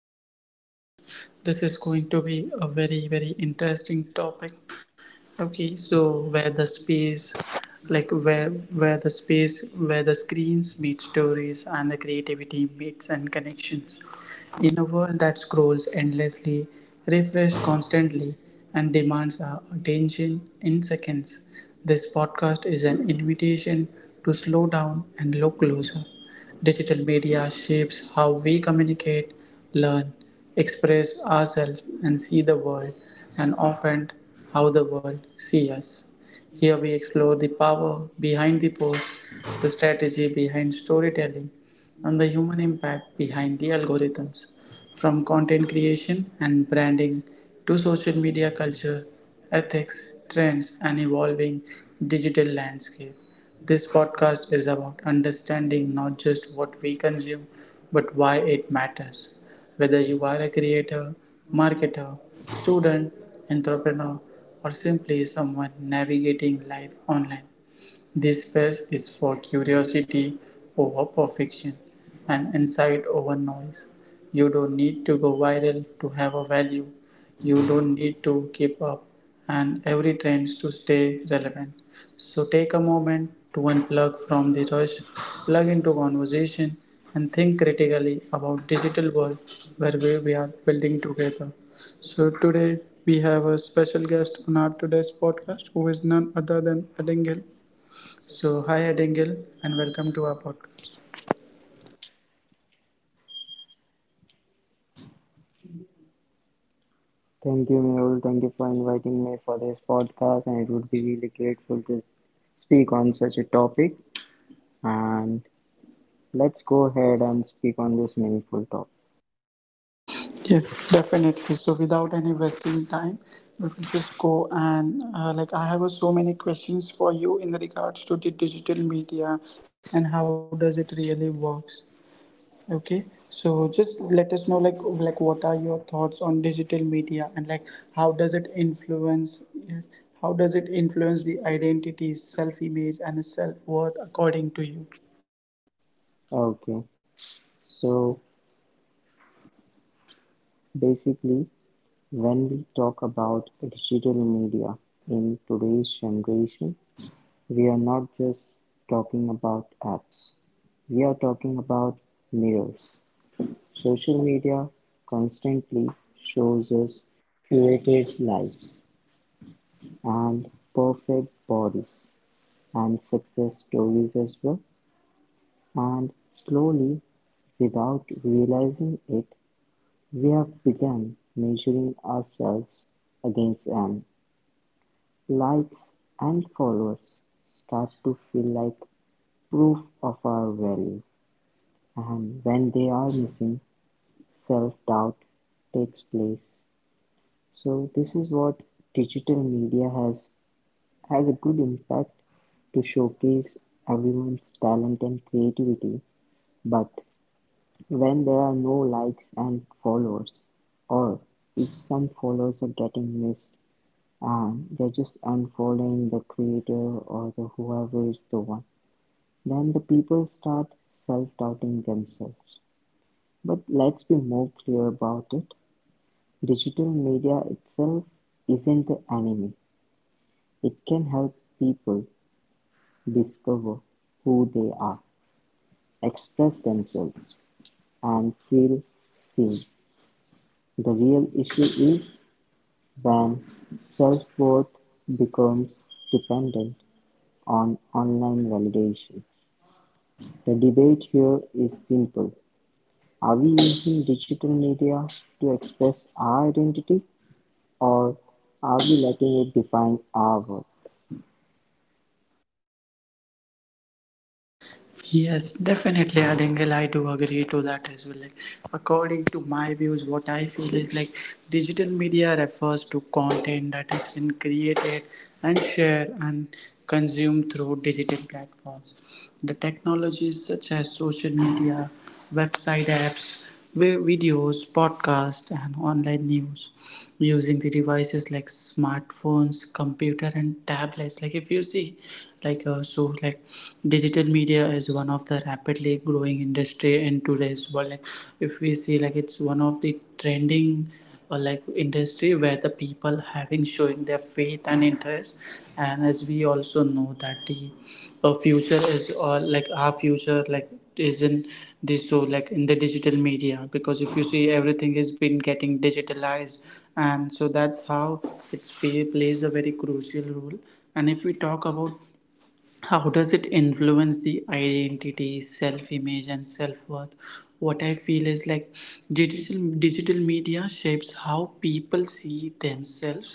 today's podcast. This is going to be a very very interesting topic. Okay, so where the space like where the space where the screens meet stories and the creativity meets and connections. In a world that scrolls endlessly, refreshes constantly, and demands our attention in seconds, this podcast is an invitation to slow down and look closer. Digital media shapes how we communicate, learn, express ourselves, and see the world, and often how the world sees us. Here we explore the power behind the post, the strategy behind storytelling, and the human impact behind the algorithms. From content creation and branding to social media culture, ethics, trends, and evolving digital landscape, this podcast is about understanding not just what we consume, but why it matters. Whether you are a creator, marketer, student, entrepreneur, or simply someone navigating life online, this space is for curiosity over perfection and insight over noise. You don't need to go viral to have a value. You don't need to keep up and every trend to stay relevant. So take a moment to unplug from the rush, plug into conversation, and think critically about digital world where we are building together. So today we have a special guest on our today's podcast who is none other than Ellen Gill. So, hi Edengil, and welcome to our podcast. Thank you, Mehul. Thank you for inviting me for this podcast, and it would be really grateful to speak on such a topic. And let's go ahead and speak on this meaningful topic. Yes, definitely. So, without any wasting time, we will just go and like I have so many questions for you in regards to the digital media and how does it really works. Okay, so just let us know like what are your thoughts on digital media and like how does it influence yes, how does it influence the identity, self image, and self worth according to you? Okay, so basically, when we talk about digital media in today's generation, we are not just talking about apps, we are talking about mirrors. Social media constantly shows us curated lives and perfect bodies, and success stories as well, and slowly, without realizing it, we have begun measuring ourselves against them. Likes and followers start to feel like proof of our value, and when they are missing, self doubt takes place. So, this is what digital media has a good impact to showcase everyone's talent and creativity, but when there are no likes and followers, or if some followers are getting missed and they're just unfollowing the creator or the whoever is the one, then the people start self-doubting themselves. But let's be more clear about it. Digital media itself isn't the enemy. It can help people discover who they are, express themselves, and feel seen. The real issue is when self-worth becomes dependent on online validation. The debate here is simple. Are we using digital media to express our identity, or are we letting it define our worth? Yes, definitely, Adingle. I do agree to that as well. Like, according to my views, what I feel is like digital media refers to content that has been created and shared and consumed through digital platforms. The technologies such as social media, website apps, videos, podcasts, and online news using the devices like smartphones, computer, and tablets. Like if you see, like like digital media is one of the rapidly growing industry in today's world. Like if we see, like it's one of the trending or like industry where the people having showing their faith and interest, and as we also know that the future is or like our future like is in this, so like in the digital media, because if you see everything has been getting digitalized, and so that's how it plays a very crucial role. And if we talk about how does it influence the identity self image and self worth, what I feel is like digital media shapes how people see themselves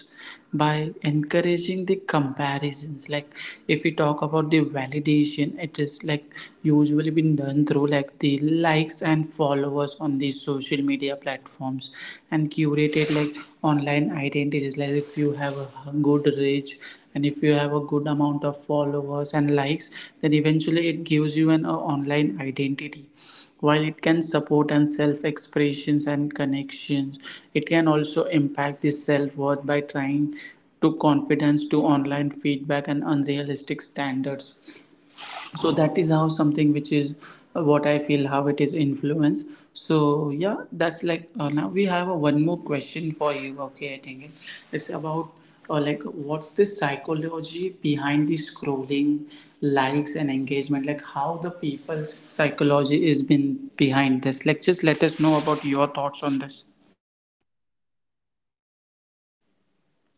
by encouraging the comparisons. Like if we talk about the validation, it is like usually been done through like the likes and followers on these social media platforms, and curated like online identities. Like if you have a good reach and if you have a good amount of followers and likes, then eventually it gives you an online identity. While it can support and self expressions and connections, it can also impact the self worth by trying to confidence to online feedback and unrealistic standards. So that is how something which is what I feel how it is influenced. So yeah, that's like now we have a one more question for you. Okay, I think it's about like what's the psychology behind the scrolling likes and engagement, like how the people's psychology is been behind this. Like just let us know about your thoughts on this.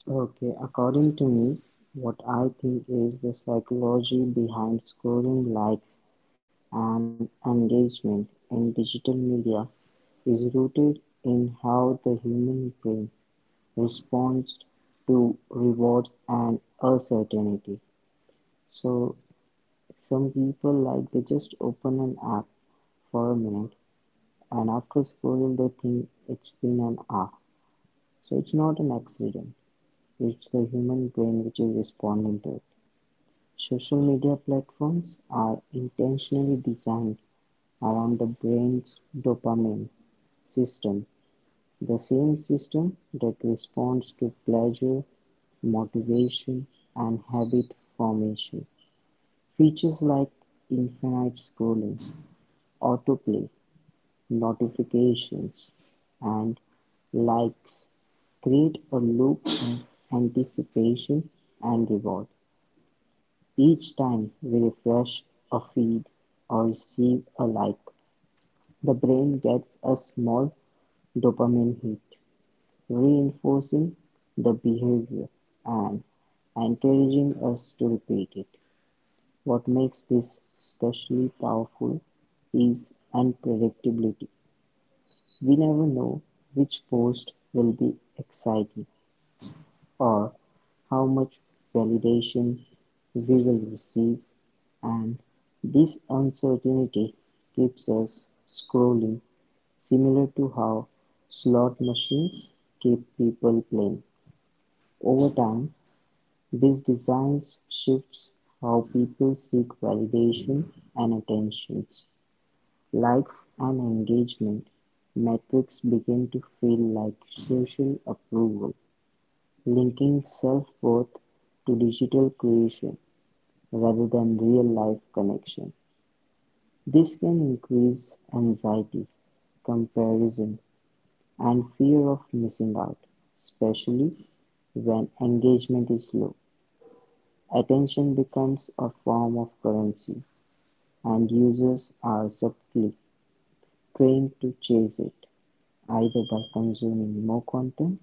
Okay, according to me, what I think is the psychology behind scoring likes and engagement in digital media is rooted in how the human brain responds to rewards and uncertainty. So, some people like they just open an app for a minute, and after scrolling they think it's been an hour. So, it's not an accident, it's the human brain which is responding to it. Social media platforms are intentionally designed around the brain's dopamine system, the same system that responds to pleasure, motivation, and habit formation. Features like infinite scrolling, autoplay, notifications, and likes create a loop of anticipation and reward. Each time we refresh a feed or receive a like, the brain gets a small dopamine hit, reinforcing the behavior and encouraging us to repeat it. What makes this especially powerful is unpredictability. We never know which post will be exciting or how much validation we will receive, and this uncertainty keeps us scrolling, similar to how slot machines keep people playing. Over time, this design shifts how people seek validation and attention. Likes and engagement metrics begin to feel like social approval, linking self-worth to digital creation rather than real-life connection. This can increase anxiety, comparison, and fear of missing out, especially when engagement is low. Attention becomes a form of currency, and users are subtly trained to chase it, either by consuming more content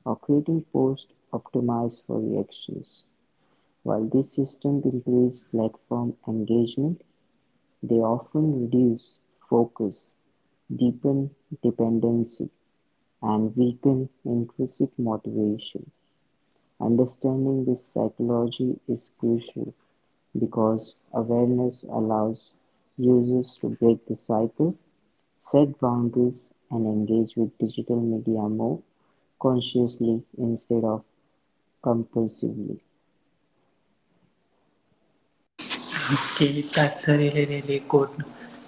or creating posts optimized for reactions. While this system increase platform engagement, they often reduce focus, deepen dependency, and weaken intrinsic motivation. Understanding this psychology is crucial because awareness allows users to break the cycle, set boundaries, and engage with digital media more consciously instead of compulsively. Okay, that's a really, really good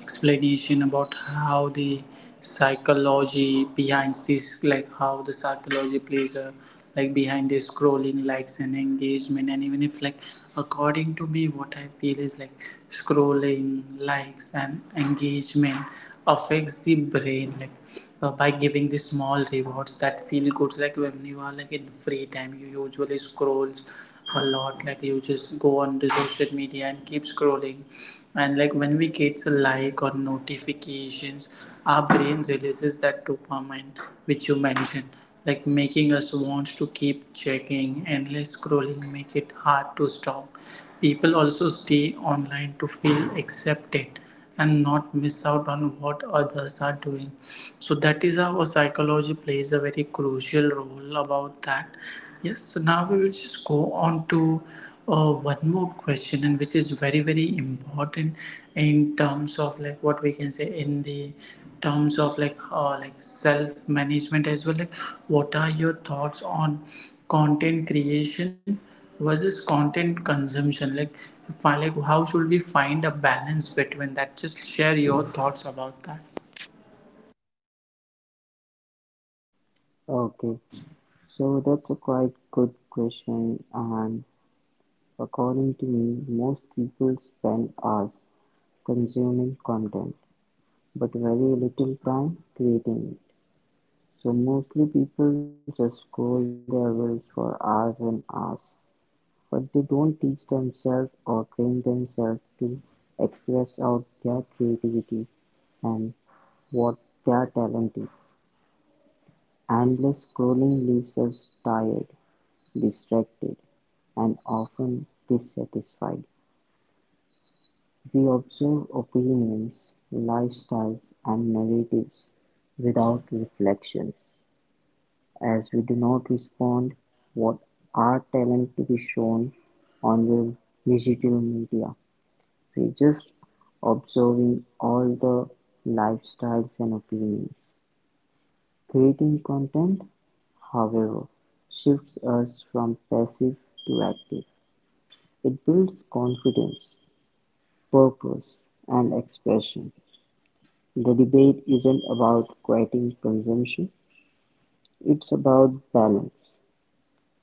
explanation about how the psychology behind this, like how the psychology plays a like behind the scrolling likes and engagement. And even if like according to me what I feel is like scrolling likes and engagement affects the brain like by giving the small rewards that feel good. Like when you are like in free time, you usually scrolls a lot. Like you just go on the social media and keep scrolling, and like when we get a like or notifications, our brain releases that dopamine, which you mentioned, like making us want to keep checking. Endless scrolling make it hard to stop. People also stay online to feel accepted and not miss out on what others are doing. So that is how psychology plays a very crucial role about that. Yes, so now we will just go on to one more question, and which is very very important in terms of like what we can say in the terms of like self management as well. Like what are your thoughts on content creation versus content consumption? Like if I, like how should we find a balance between that? Just share your thoughts about that. Okay, so that's a quite good question, and according to me, most people spend hours consuming content but very little time creating it. So mostly people just scroll their reels for hours and hours, but they don't teach themselves or train themselves to express out their creativity and what their talent is. Endless scrolling leaves us tired, distracted, and often dissatisfied. We observe opinions, lifestyles, and narratives without reflections, as we do not respond what are talent to be shown on the digital media. We just observing all the lifestyles and opinions. Creating content, however, shifts us from passive to active. It builds confidence, purpose, and expression. The debate isn't about quieting consumption, it's about balance.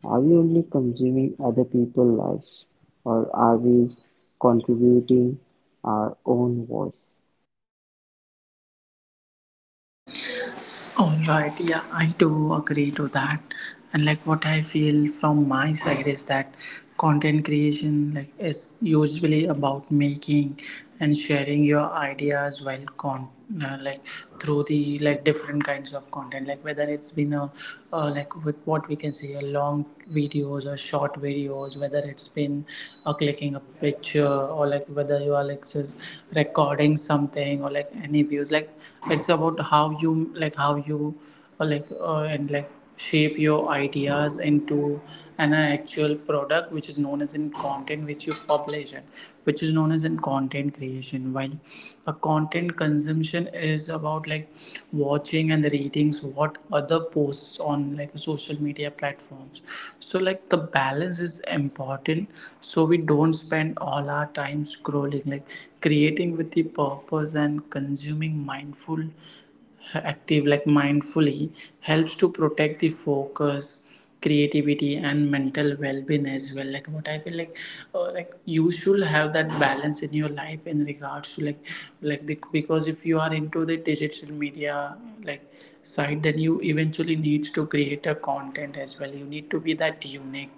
Are we only consuming other people's lives, or are we contributing our own voice? All right, yeah, I do agree to that. And like what I feel from my side is that content creation like is usually about making and sharing your ideas, while con like through the like different kinds of content, like whether it's been a like with what we can say a long videos or short videos, whether it's been clicking a picture, or like whether you are like just recording something or like any views. Like it's about how you like how you like shape your ideas into an actual product, which is known as in content which you publish, and which is known as in content creation. While a content consumption is about like watching and reading what other posts on like social media platforms. So like the balance is important, so we don't spend all our time scrolling. Like creating with the purpose and consuming mindful active like mindfully helps to protect the focus, creativity, and mental well-being as well. Like what I feel like you should have that balance in your life in regards to like because if you are into the digital media like side, then you eventually needs to create a content as well. You need to be that unique.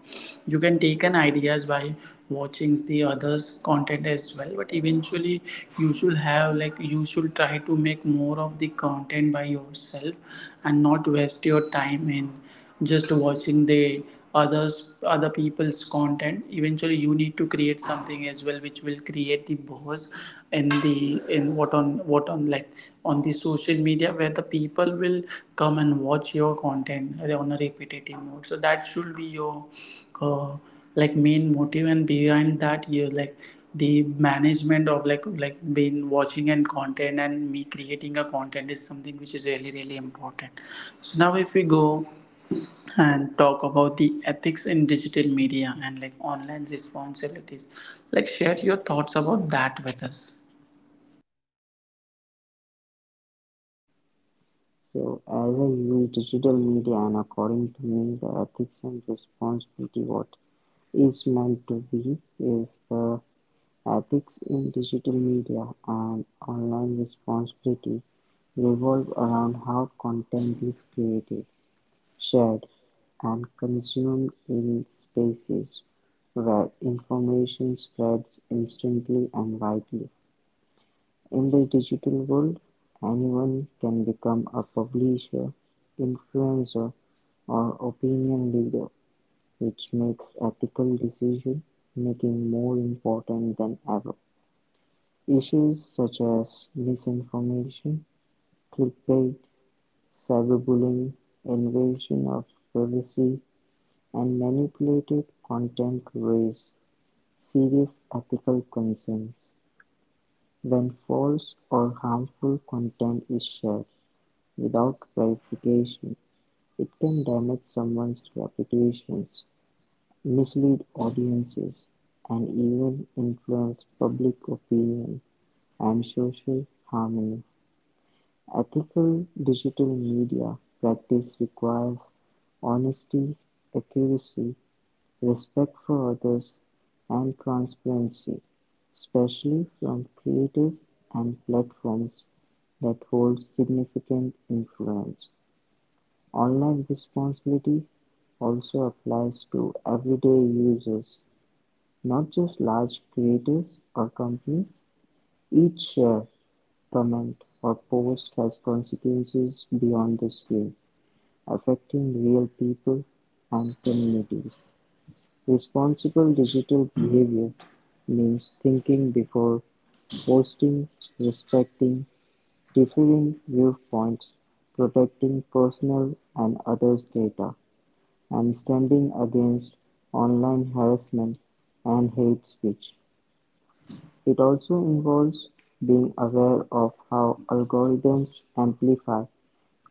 You can take an ideas by watching the others content as well, but eventually you should have like you should try to make more of the content by yourself, and not waste your time in just watching the others other people's content. Eventually you need to create something as well which will create the buzz and the in what on like on the social media where the people will come and watch your content on a repetitive mode. So that should be your uh, like main motive, and behind that you like the management of like being watching and content and me creating a content is something which is really really important. So now if we go and talk about the ethics in digital media and like online responsibilities, like share your thoughts about that with us. So, as I use digital media, and according to me, the ethics and responsibility what is meant to be is the ethics in digital media and online responsibility revolve around how content is created, shared, and consumed in spaces where information spreads instantly and widely. In the digital world, anyone can become a publisher, influencer, or opinion leader, which makes ethical decision making more important than ever. Issues such as misinformation, clickbait, cyberbullying, invasion of privacy, and manipulated content raise serious ethical concerns. When false or harmful content is shared without verification, it can damage someone's reputations, mislead audiences, and even influence public opinion and social harmony. Ethical digital media practice requires honesty, accuracy, respect for others, and transparency, especially from creators and platforms that hold significant influence. Online responsibility also applies to everyday users, not just large creators or companies. Each share, comment or post has consequences beyond the screen, affecting real people and communities. Responsible digital behavior means thinking before posting, respecting differing viewpoints, protecting personal and others' data, and standing against online harassment and hate speech. It also involves being aware of how algorithms amplify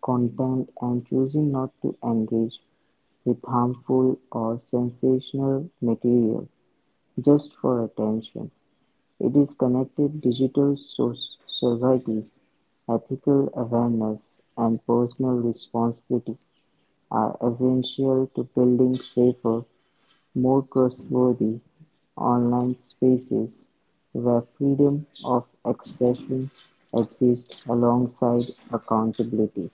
content and choosing not to engage with harmful or sensational material just for attention. It is connected digital society, ethical awareness, and personal responsibility are essential to building safer, more trustworthy online spaces where freedom of expression exists alongside accountability.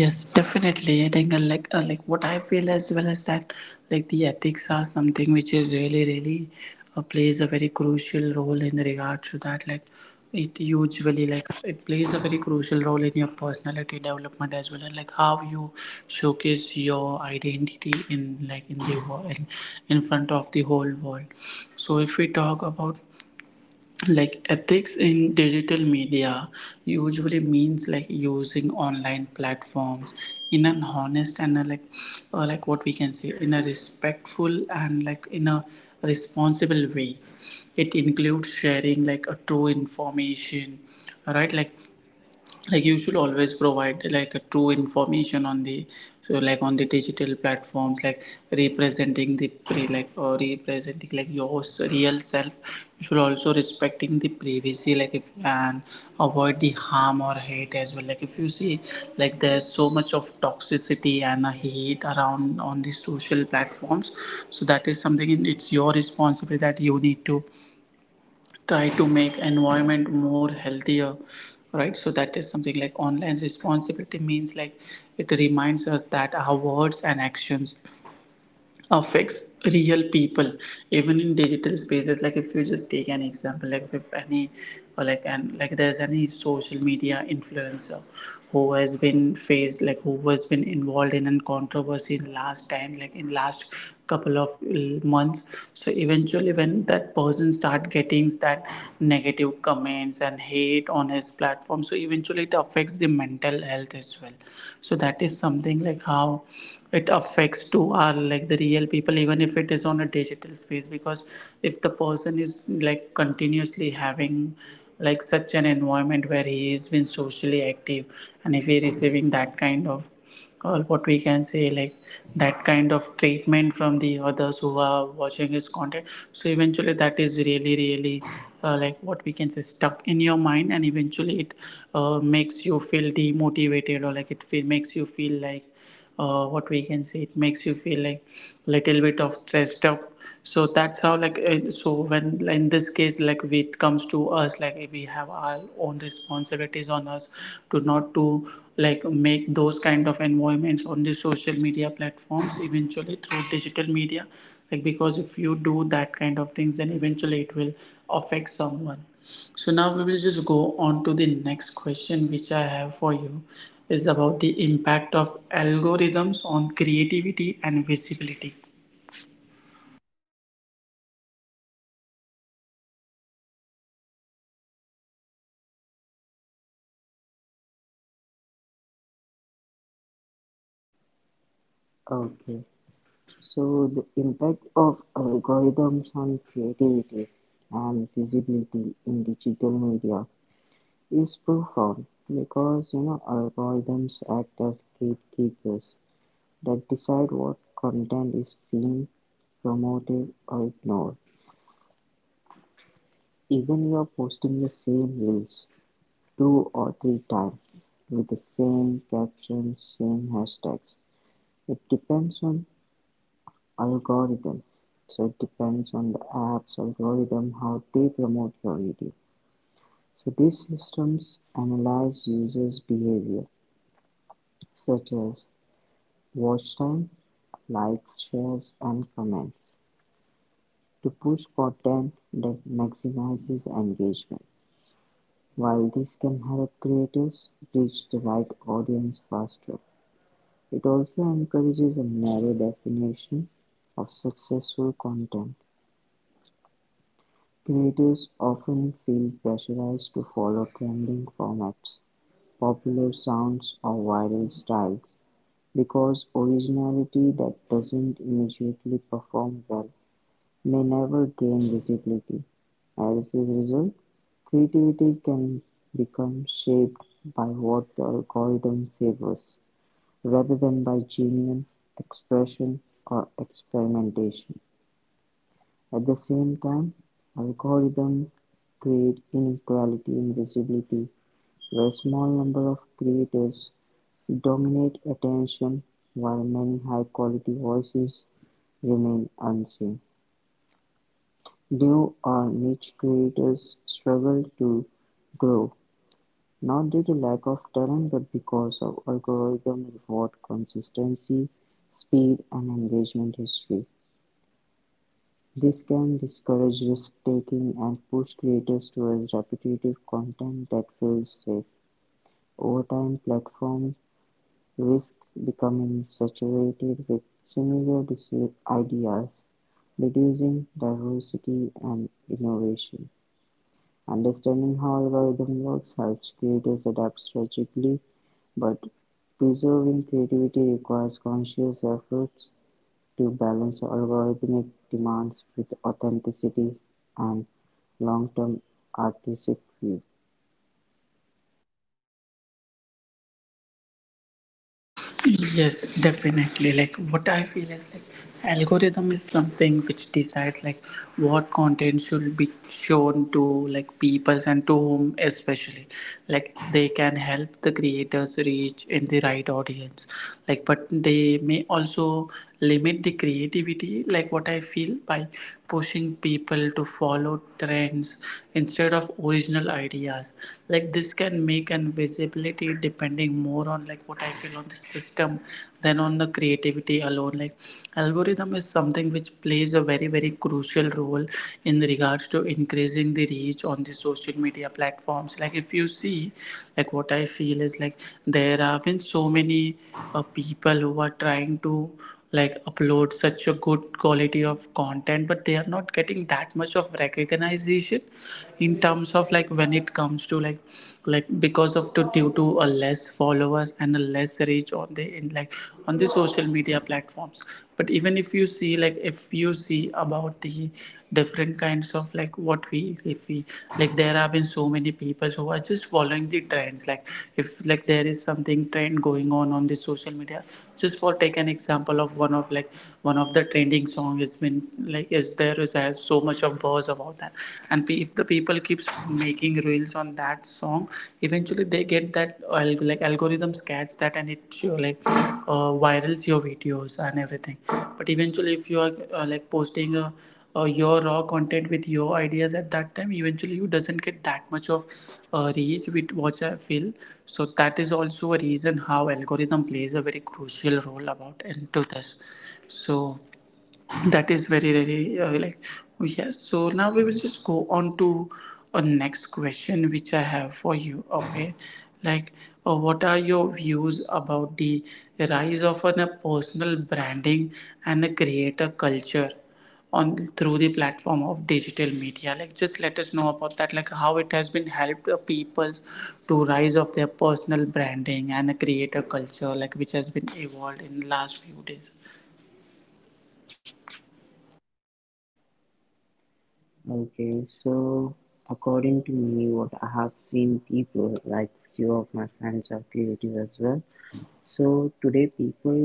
Yes, definitely. I think like what I feel as well as that like the ethics are something which is really really plays a very crucial role in regard to that. Like it usually like it plays a very crucial role in your personality development as well, and like how you showcase your identity in like in the world, in front of the whole world. So if we talk about like ethics in digital media, usually means like using online platforms in an honest and like what we can say in a respectful and like in a responsible way. It includes sharing like a true information, right? Like you should always provide like a true information on the, so like on the digital platforms, like representing the pre like or representing like your real self, you should also respecting the privacy like if, and avoid the harm or hate as well. Like if you see, like there's so much of toxicity and a hate around on the social platforms, so that is something it's your responsibility that you need to try to make environment more healthier, right? So that is something like online responsibility means like it reminds us that our words and actions affects real people, even in digital spaces. Like if you just take an example, like if any, or like, and like there's any social media influencer who has been faced, like who has been involved in a controversy in last time, like in last couple of months, so eventually when that person start getting that negative comments and hate on his platform, so eventually it affects the mental health as well. So that is something like how it affects to our like the real real people, even if it is on a digital space, because if the person is like continuously having like such an environment where he has been socially active, and if he receiving that kind of, or what we can say, like that kind of treatment from the others who are watching his content, so eventually that is really really like what we can say stuck in your mind, and eventually it makes you feel demotivated, or like it feel, makes you feel like what we can say it makes you feel like little bit of stressed up. So that's how, like so when in this case, like when it comes to us, like we have our own responsibilities on us to not to like make those kind of environments on the social media platforms, eventually through digital media, like because if you do that kind of things, then eventually it will affect someone. So now we will just go on to the next question which I have for you, is about the impact of algorithms on creativity and visibility. Okay. So the impact of algorithms on creativity and visibility in digital media is profound, because you know algorithms act as gatekeepers that decide what content is seen, promoted or ignored. Even you are posting the same reels two or three times with the same captions, same hashtags, it depends on algorithm. So it depends on the app's algorithm how they promote your video. So these systems analyze users' behavior such as watch time, likes, shares, and comments to push content that maximizes engagement. While this can help creators reach the right audience faster, it also encourages a narrow definition of successful content. Creators often feel pressurized to follow trending formats, popular sounds or viral styles, because originality that doesn't immediately perform well may never gain visibility. As a result, creativity can become shaped by what the algorithm favors, rather than by genuine expression or experimentation. At the same time, algorithms create inequality in visibility, where a small number of creators dominate attention while many high-quality voices remain unseen. New or niche creators struggle to grow, not due to lack of talent but because of algorithm reward consistency, speed, and engagement history. This can discourage risk-taking and push creators towards repetitive content that feels safe. Over time, platforms risk becoming saturated with similar ideas, reducing diversity and innovation. Understanding how algorithm works helps creators adapt strategically, but preserving creativity requires conscious effort to balance algorithmic demands with authenticity and long-term artistic view. Yes, definitely. Like what I feel is like algorithm is something which decides like what content should be shown to like people, and to whom especially. Like they can help the creators reach in the right audience. Like but they may also limit the creativity, like what I feel, by pushing people to follow trends instead of original ideas. Like this can make and visibility depending more on, like what I feel, on the system than on the creativity alone. Like algorithm is something which plays a very very crucial role in regards to increasing the reach on the social media platforms. Like if you see, like what I feel is like there have been so many people who are trying to like upload such a good quality of content, but they are not getting that much of recognition in terms of like when it comes to like because of to due to a less followers and a less reach on the in like on the social media platforms. But even if you see, like if you see about the different kinds of like what we, if we, like there have been so many people who are just following the trends. Like if like there is something trend going on the social media, just for take an example of one of the trending song has been like, is there there is so much of buzz about that, and if the people keeps making reels on that song, eventually they get that like algorithms catch that and it show, like virals your videos and everything. But eventually if you are like posting a your raw content with your ideas, at that time eventually you doesn't get that much of reach with what I feel. So that is also a reason how algorithm plays a very crucial role about into this. So that is very very yes, so now we will just go on to a next question which I have for you, okay, like what are your views about the rise of a personal branding and a creator culture on through the platform of digital media? Like just let us know about that, like how it has been helped people to rise of their personal branding and a creator culture like which has been evolved in last few days. Okay, so according to me, what I have seen people, like few of my friends are creative as well. So today people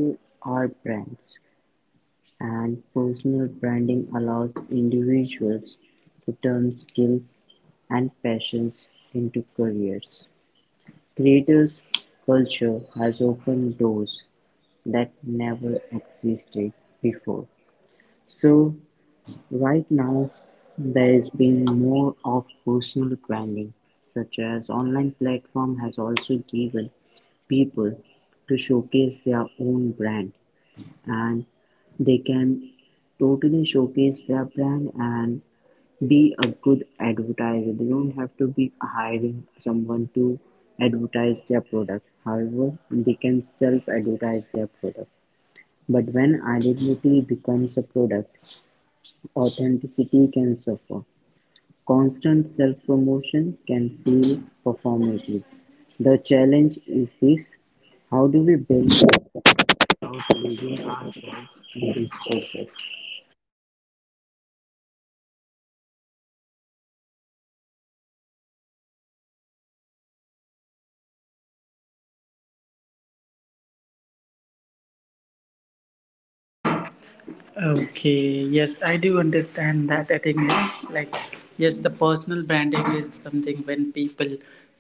are brands, and personal branding allows individuals to turn skills and passions into careers. Creators culture has opened doors that never existed before, so right now there's been more of personal branding, such as online platform has also given people to showcase their own brand, and they can totally showcase their brand and be a good advertiser. They don't have to be hiring someone to advertise their product, however they can self advertise their product. But when identity becomes a product, authenticity can suffer; constant self-promotion can feel performative. The challenge is this: how do we build without losing ourselves in this process? Okay, yes, I do understand that, I, like, yes, the personal branding is something when people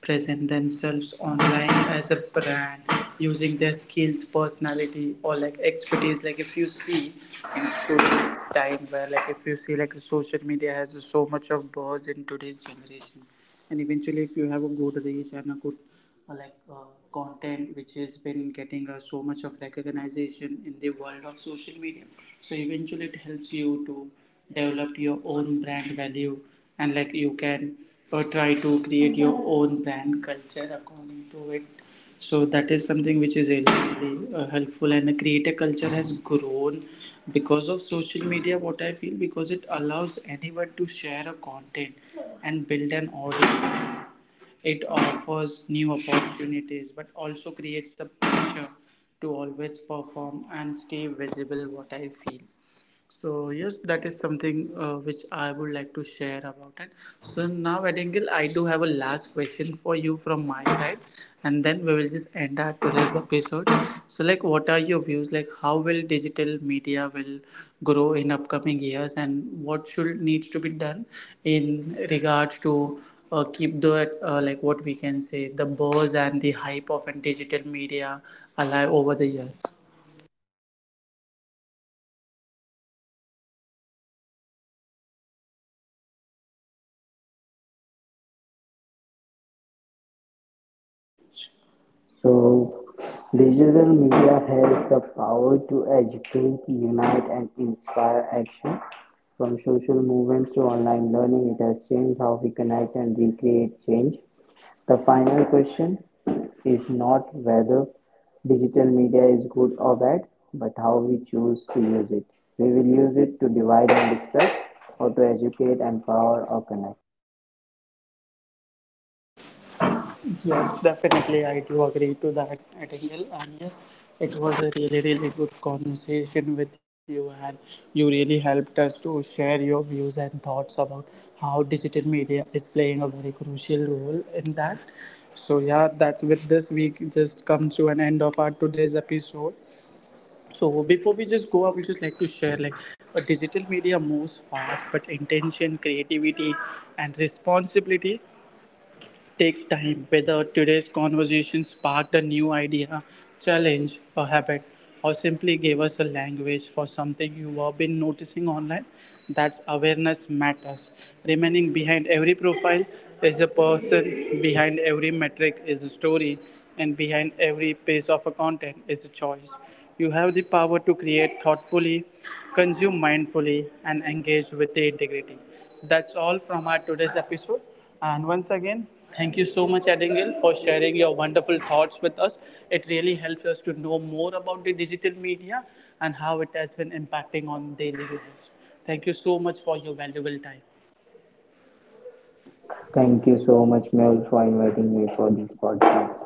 present themselves online as a brand, using their skills, personality, or like expertise. Like, if you see in today's time, where like if you see like social media has so much of buzz in today's generation, and eventually, if you have a good reach and a good uh, like uh, content which has been getting so much of recognition in the world of social media, so eventually it helps you to develop your own brand value, and like you can try to create your own brand culture according to it. So that is something which is really, really helpful, and the creator culture has grown because of social media, what I feel, because it allows anyone to share a content and build an audience. It offers new opportunities but also creates a pressure to always perform and stay visible, what I feel. So yes, that is something which I would like to share about it. So now, Adingil, I do have a last question for you from my side, and then we will just end our today's episode. So like, what are your views? Like, how will digital media will grow in upcoming years, and what should needs to be done in regards to keep the like what we can say the buzz and the hype of an digital media alive over the years? So, digital media has the power to educate, unite, and inspire action. From social movements to online learning, it has changed how we connect and recreate change. The final question is not whether digital media is good or bad, but how we choose to use it. We will use it to divide and distract, or to educate, empower, or connect. Yes, definitely. I do agree to that, Abigail. And yes, it was a really, really good conversation with you, and you really helped us to share your views and thoughts about how digital media is playing a very crucial role in that. So, yeah, that's with this week just come to an end of our today's episode. So before we just go, I would just like to share like a digital media moves fast, but intention, creativity, and responsibility takes time. Whether today's conversation sparked a new idea, challenge, or habit, or simply gave us a language for something you have been noticing online, that's awareness matters. Remaining behind every profile is a person, behind every metric is a story, and behind every piece of a content is a choice. You have the power to create thoughtfully, consume mindfully, and engage with the integrity. That's all from our today's episode. And once again, thank you so much, Edingil, for sharing your wonderful thoughts with us. It really helps us to know more about the digital media and how it has been impacting on daily lives. Thank you so much for your valuable time. Thank you so much, Mel, for inviting me for this podcast.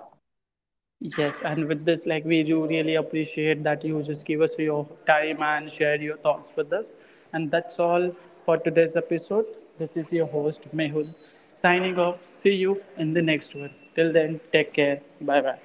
Yes, and with this, like we do really appreciate that you just give us your time and share your thoughts with us. And that's all for today's episode. This is your host Mehul signing off. See you in the next one. Till then, take care. Bye bye.